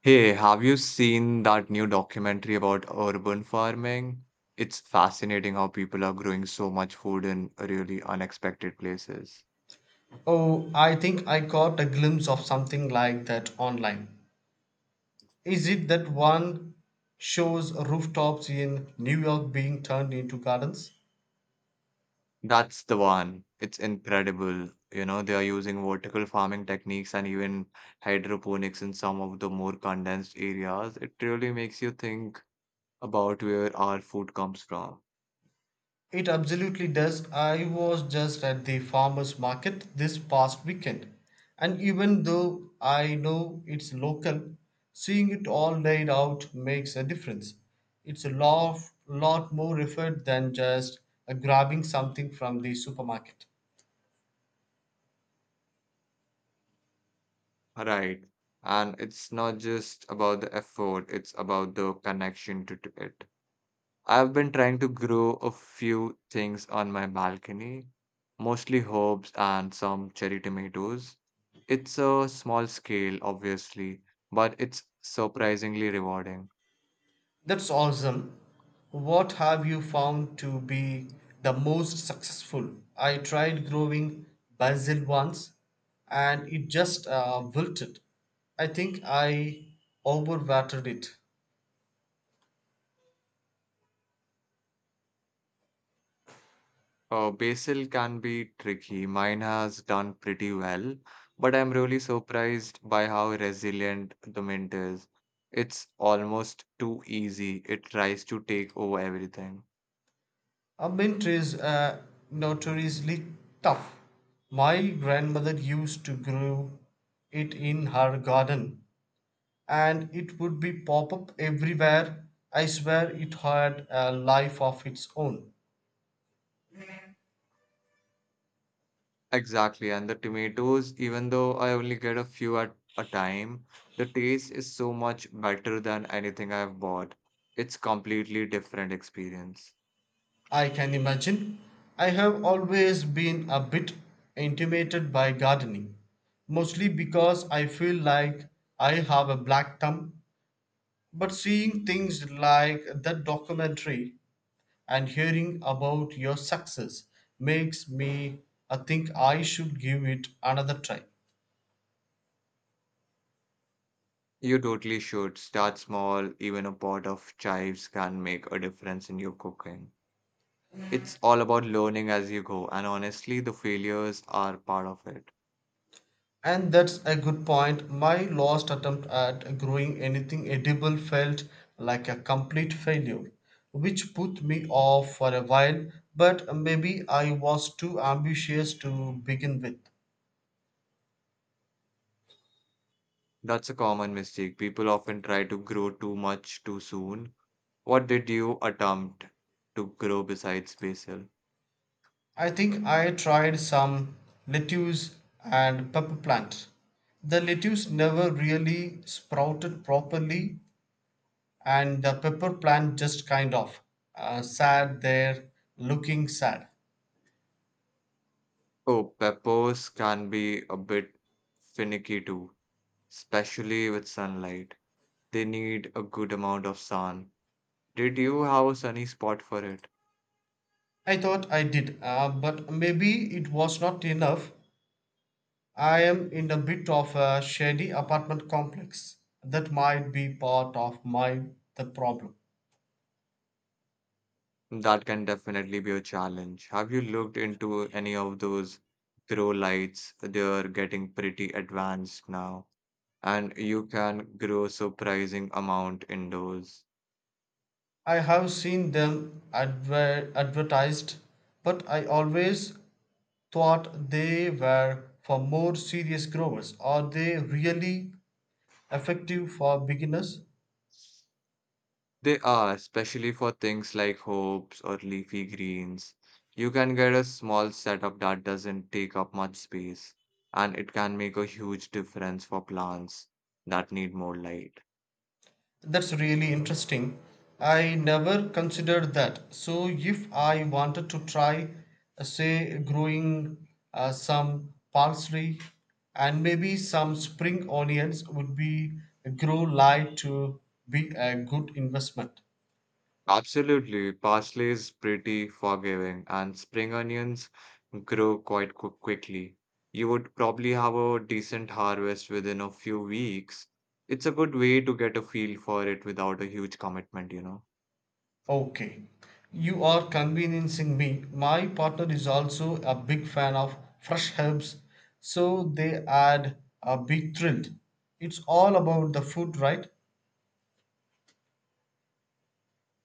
Hey, have you seen that new documentary about urban farming? It's fascinating how people are growing so much food in really unexpected places. Oh, I think I caught a glimpse of something like that online. Is it that one shows rooftops in New York being turned into gardens? That's the one. It's incredible. You know, they are using vertical farming techniques and even hydroponics in some of the more condensed areas. It really makes you think about where our food comes from. It absolutely does. I was just at the farmers market this past weekend, and even though I know it's local, seeing it all laid out makes a difference. It's a lot more effort than just grabbing something from the supermarket. Right. And it's not just about the effort, it's about the connection to it. I've been trying to grow a few things on my balcony, mostly herbs and some cherry tomatoes. It's a small scale, obviously, but it's surprisingly rewarding. That's awesome. What have you found to be the most successful? I tried growing basil once and it just wilted. I think I overwatered it. Basil can be tricky. Mine has done pretty well, but I'm really surprised by how resilient the mint is. It's almost too easy. It tries to take over everything. A mint is notoriously tough. My grandmother used to grow it in her garden and it would be pop up everywhere. I swear it had a life of its own. Exactly, and the tomatoes, even though I only get a few at a time, the taste is so much better than anything I've bought. It's completely different experience. I can imagine. I have always been a bit intimidated by gardening, mostly because I feel like I have a black thumb. But seeing things like that documentary and hearing about your success makes me I think I should give it another try. You totally should start small. Even a pot of chives can make a difference in your cooking. It's all about learning as you go, and honestly, the failures are part of it. And that's a good point. My last attempt at growing anything edible felt like a complete failure, which put me off for a while, but maybe I was too ambitious to begin with. That's a common mistake. People often try to grow too much too soon. What did you attempt to grow besides basil? I think I tried some lettuce and pepper plant. The lettuce never really sprouted properly, and the pepper plant just kind of sat there looking sad. Oh, peppers can be a bit finicky too, especially with sunlight. They need a good amount of sun. Did you have a sunny spot for it? I thought I did, but maybe it was not enough. I am in a bit of a shady apartment complex. That might be part of my the problem. That can definitely be a challenge. Have you looked into any of those grow lights? They're getting pretty advanced now, and you can grow surprising amount indoors. I have seen them advertised, but I always thought they were for more serious growers. Are they really effective for beginners? They are, especially for things like hopes or leafy greens. You can get a small setup that doesn't take up much space, and it can make a huge difference for plants that need more light. That's really interesting. I never considered that. So, if I wanted to try, say, growing some parsley and maybe some spring onions, would be grow light to be a good investment. Absolutely, parsley is pretty forgiving, and spring onions grow quickly. You would probably have a decent harvest within a few weeks. It's a good way to get a feel for it without a huge commitment, you know. Okay, you are convincing me. My partner is also a big fan of fresh herbs, so they add a big thrill. It's all about the food, right?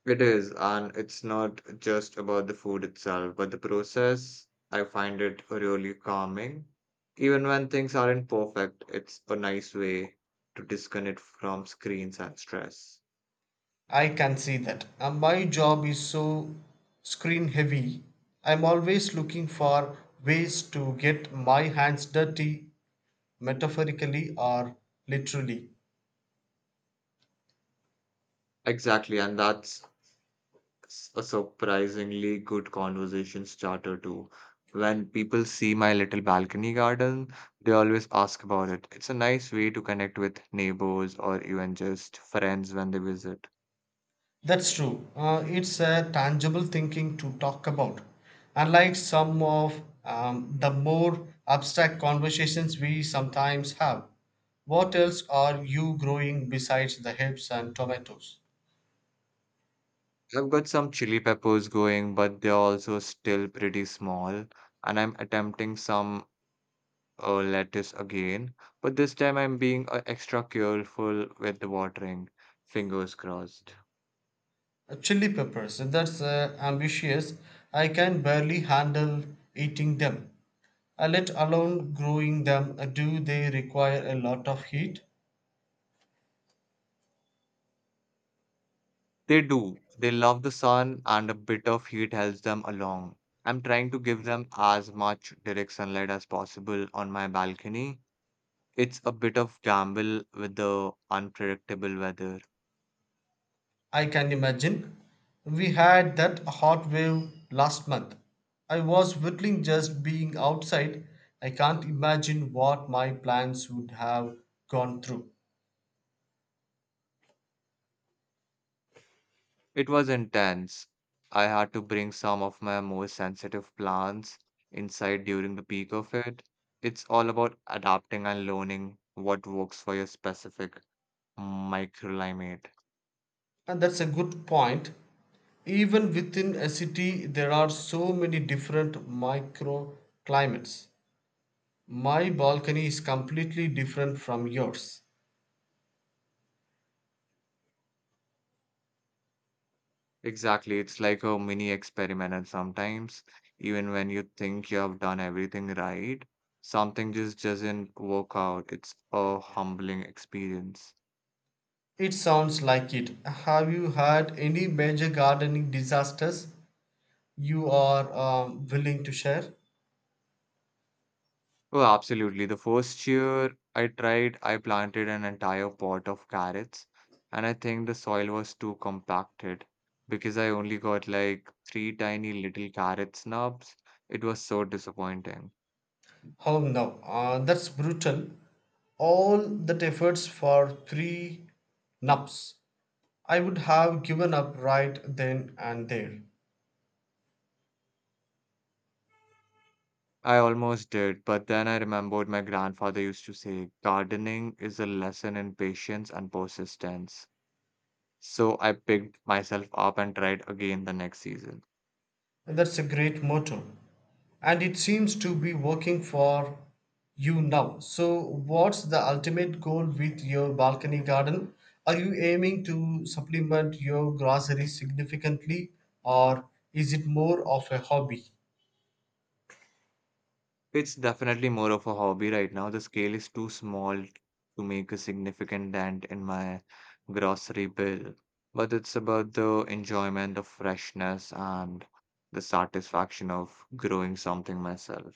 It is, and it's not just about the food itself, but the process. I find it really calming. Even when things aren't perfect, it's a nice way to disconnect from screens and stress. I can see that. My job is so screen heavy. I'm always looking for ways to get my hands dirty, metaphorically or literally. Exactly, and a surprisingly good conversation starter too. When people see my little balcony garden, they always ask about it. It's a nice way to connect with neighbors or even just friends when they visit. That's true. It's a tangible thinking to talk about. Unlike some of the more abstract conversations we sometimes have, what else are you growing besides the herbs and tomatoes? I've got some chili peppers going, but they're also still pretty small. And I'm attempting some lettuce again, but this time I'm being extra careful with the watering. Fingers crossed. Chili peppers, that's ambitious. I can barely handle eating them. Let alone growing them, do they require a lot of heat? They do. They love the sun, and a bit of heat helps them along. I'm trying to give them as much direct sunlight as possible on my balcony. It's a bit of gamble with the unpredictable weather. I can imagine. We had that hot wave last month. I was whittling just being outside. I can't imagine what my plants would have gone through. It was intense. I had to bring some of my most sensitive plants inside during the peak of it. It's all about adapting and learning what works for your specific microclimate. And that's a good point. Even within a city, there are so many different microclimates. My balcony is completely different from yours. Exactly, it's like a mini experiment, and sometimes, even when you think you have done everything right, something just doesn't work out. It's a humbling experience. It sounds like it. Have you had any major gardening disasters you are willing to share? Oh, absolutely. The first year I tried, I planted an entire pot of carrots, and I think the soil was too compacted because I only got like three tiny little carrot snubs. It was so disappointing. Oh no, that's brutal. All that efforts for three nups. I would have given up right then and there. I almost did, but then I remembered my grandfather used to say, gardening is a lesson in patience and persistence. So I picked myself up and tried again the next season. That's a great motto. And it seems to be working for you now. So, what's the ultimate goal with your balcony garden? Are you aiming to supplement your groceries significantly, or is it more of a hobby? It's definitely more of a hobby right now. The scale is too small to make a significant dent in my grocery bill, but it's about the enjoyment of freshness and the satisfaction of growing something myself.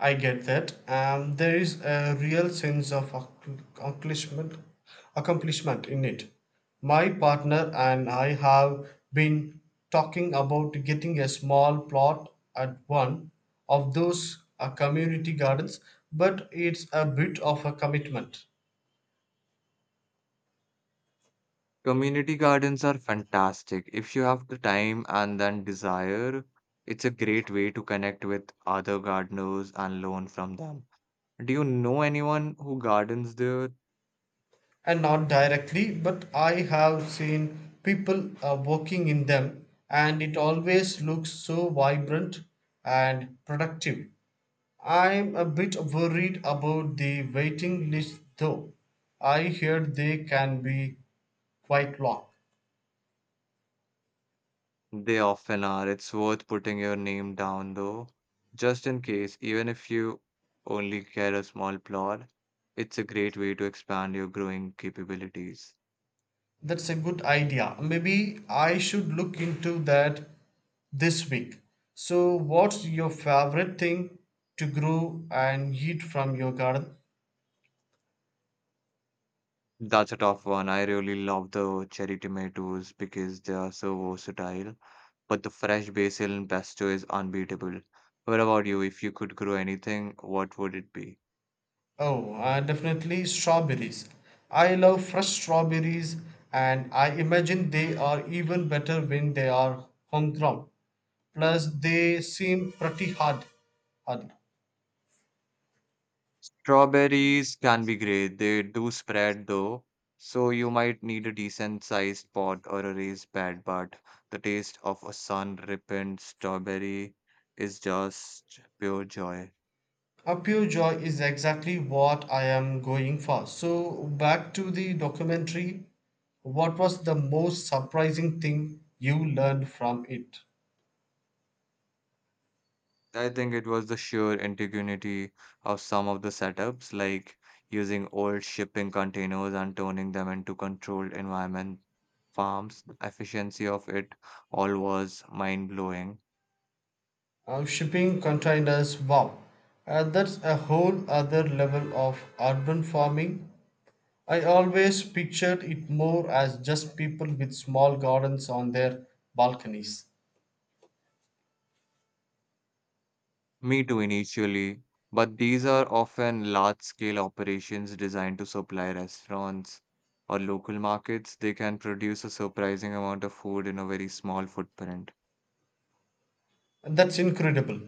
I get that. There is a real sense of accomplishment, accomplishment in it. My partner and I have been talking about getting a small plot at one of those community gardens, but it's a bit of a commitment. Community gardens are fantastic. If you have the time and then desire, it's a great way to connect with other gardeners and learn from them. Do you know anyone who gardens there? And not directly, but I have seen people working in them, and it always looks so vibrant and productive I'm a bit worried about the waiting list though. I heard they can be quite long. They often are. It's worth putting your name down though, just in case, even if you only get a small plot, it's a great way to expand your growing capabilities. That's a good idea. Maybe I should look into that this week. So, what's your favorite thing to grow and eat from your garden? That's a tough one. I really love the cherry tomatoes because they are so versatile, but the fresh basil and pesto is unbeatable. What about you? If you could grow anything, what would it be? Oh, definitely strawberries. I love fresh strawberries, and I imagine they are even better when they are homegrown. Plus, they seem pretty hard. Strawberries can be great. They do spread though, so you might need a decent sized pot or a raised bed, but the taste of a sun-ripened strawberry is just pure joy. A pure joy is exactly what I am going for. So, back to the documentary. What was the most surprising thing you learned from it? I think it was the sheer ingenuity of some of the setups, like using old shipping containers and turning them into controlled environment farms. The efficiency of it all was mind-blowing. Shipping containers, wow. That's a whole other level of urban farming. I always pictured it more as just people with small gardens on their balconies. Me too initially, but these are often large-scale operations designed to supply restaurants or local markets. They can produce a surprising amount of food in a very small footprint. And that's incredible.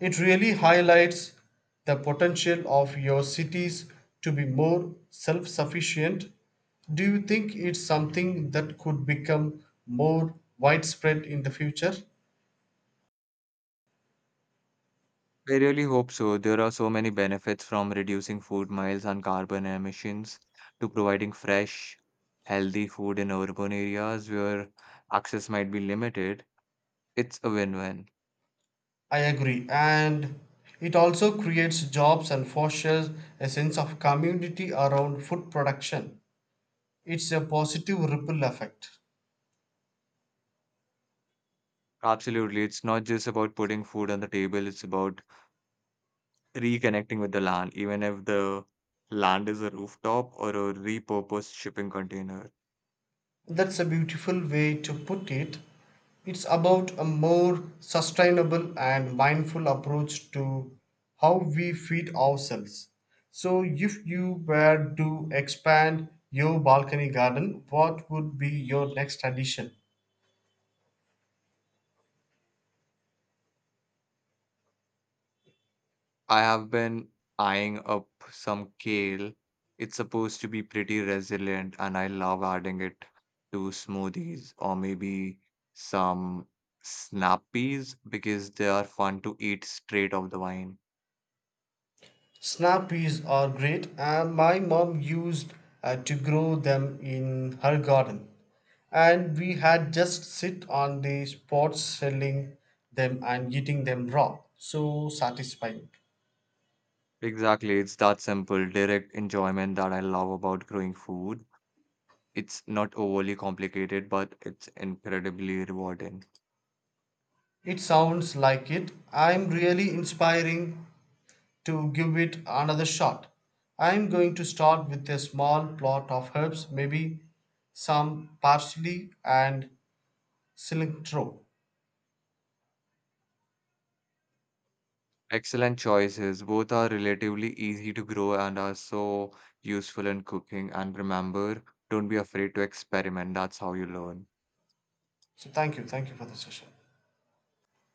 It really highlights the potential of your cities to be more self sufficient. Do you think it's something that could become more widespread in the future? I really hope so. There are so many benefits from reducing food miles and carbon emissions to providing fresh, healthy food in urban areas where access might be limited. It's a win-win. I agree. And it also creates jobs and fosters a sense of community around food production. It's a positive ripple effect. Absolutely. It's not just about putting food on the table, it's about reconnecting with the land, even if the land is a rooftop or a repurposed shipping container. That's a beautiful way to put it. It's about a more sustainable and mindful approach to how we feed ourselves. So, if you were to expand your balcony garden, what would be your next addition? I have been eyeing up some kale. It's supposed to be pretty resilient, and I love adding it to smoothies or maybe some snap peas because they are fun to eat straight off the vine. Snap peas are great and my mom used to grow them in her garden and we had just sit on the spots selling them and eating them raw. So satisfying. Exactly, it's that simple, direct enjoyment that I love about growing food. It's not overly complicated, but it's incredibly rewarding. It sounds like it. I'm really inspiring to give it another shot. I'm going to start with a small plot of herbs, maybe some parsley and cilantro. Excellent choices. Both are relatively easy to grow and are so useful in cooking. And remember, don't be afraid to experiment. That's how you learn. So thank you for the session.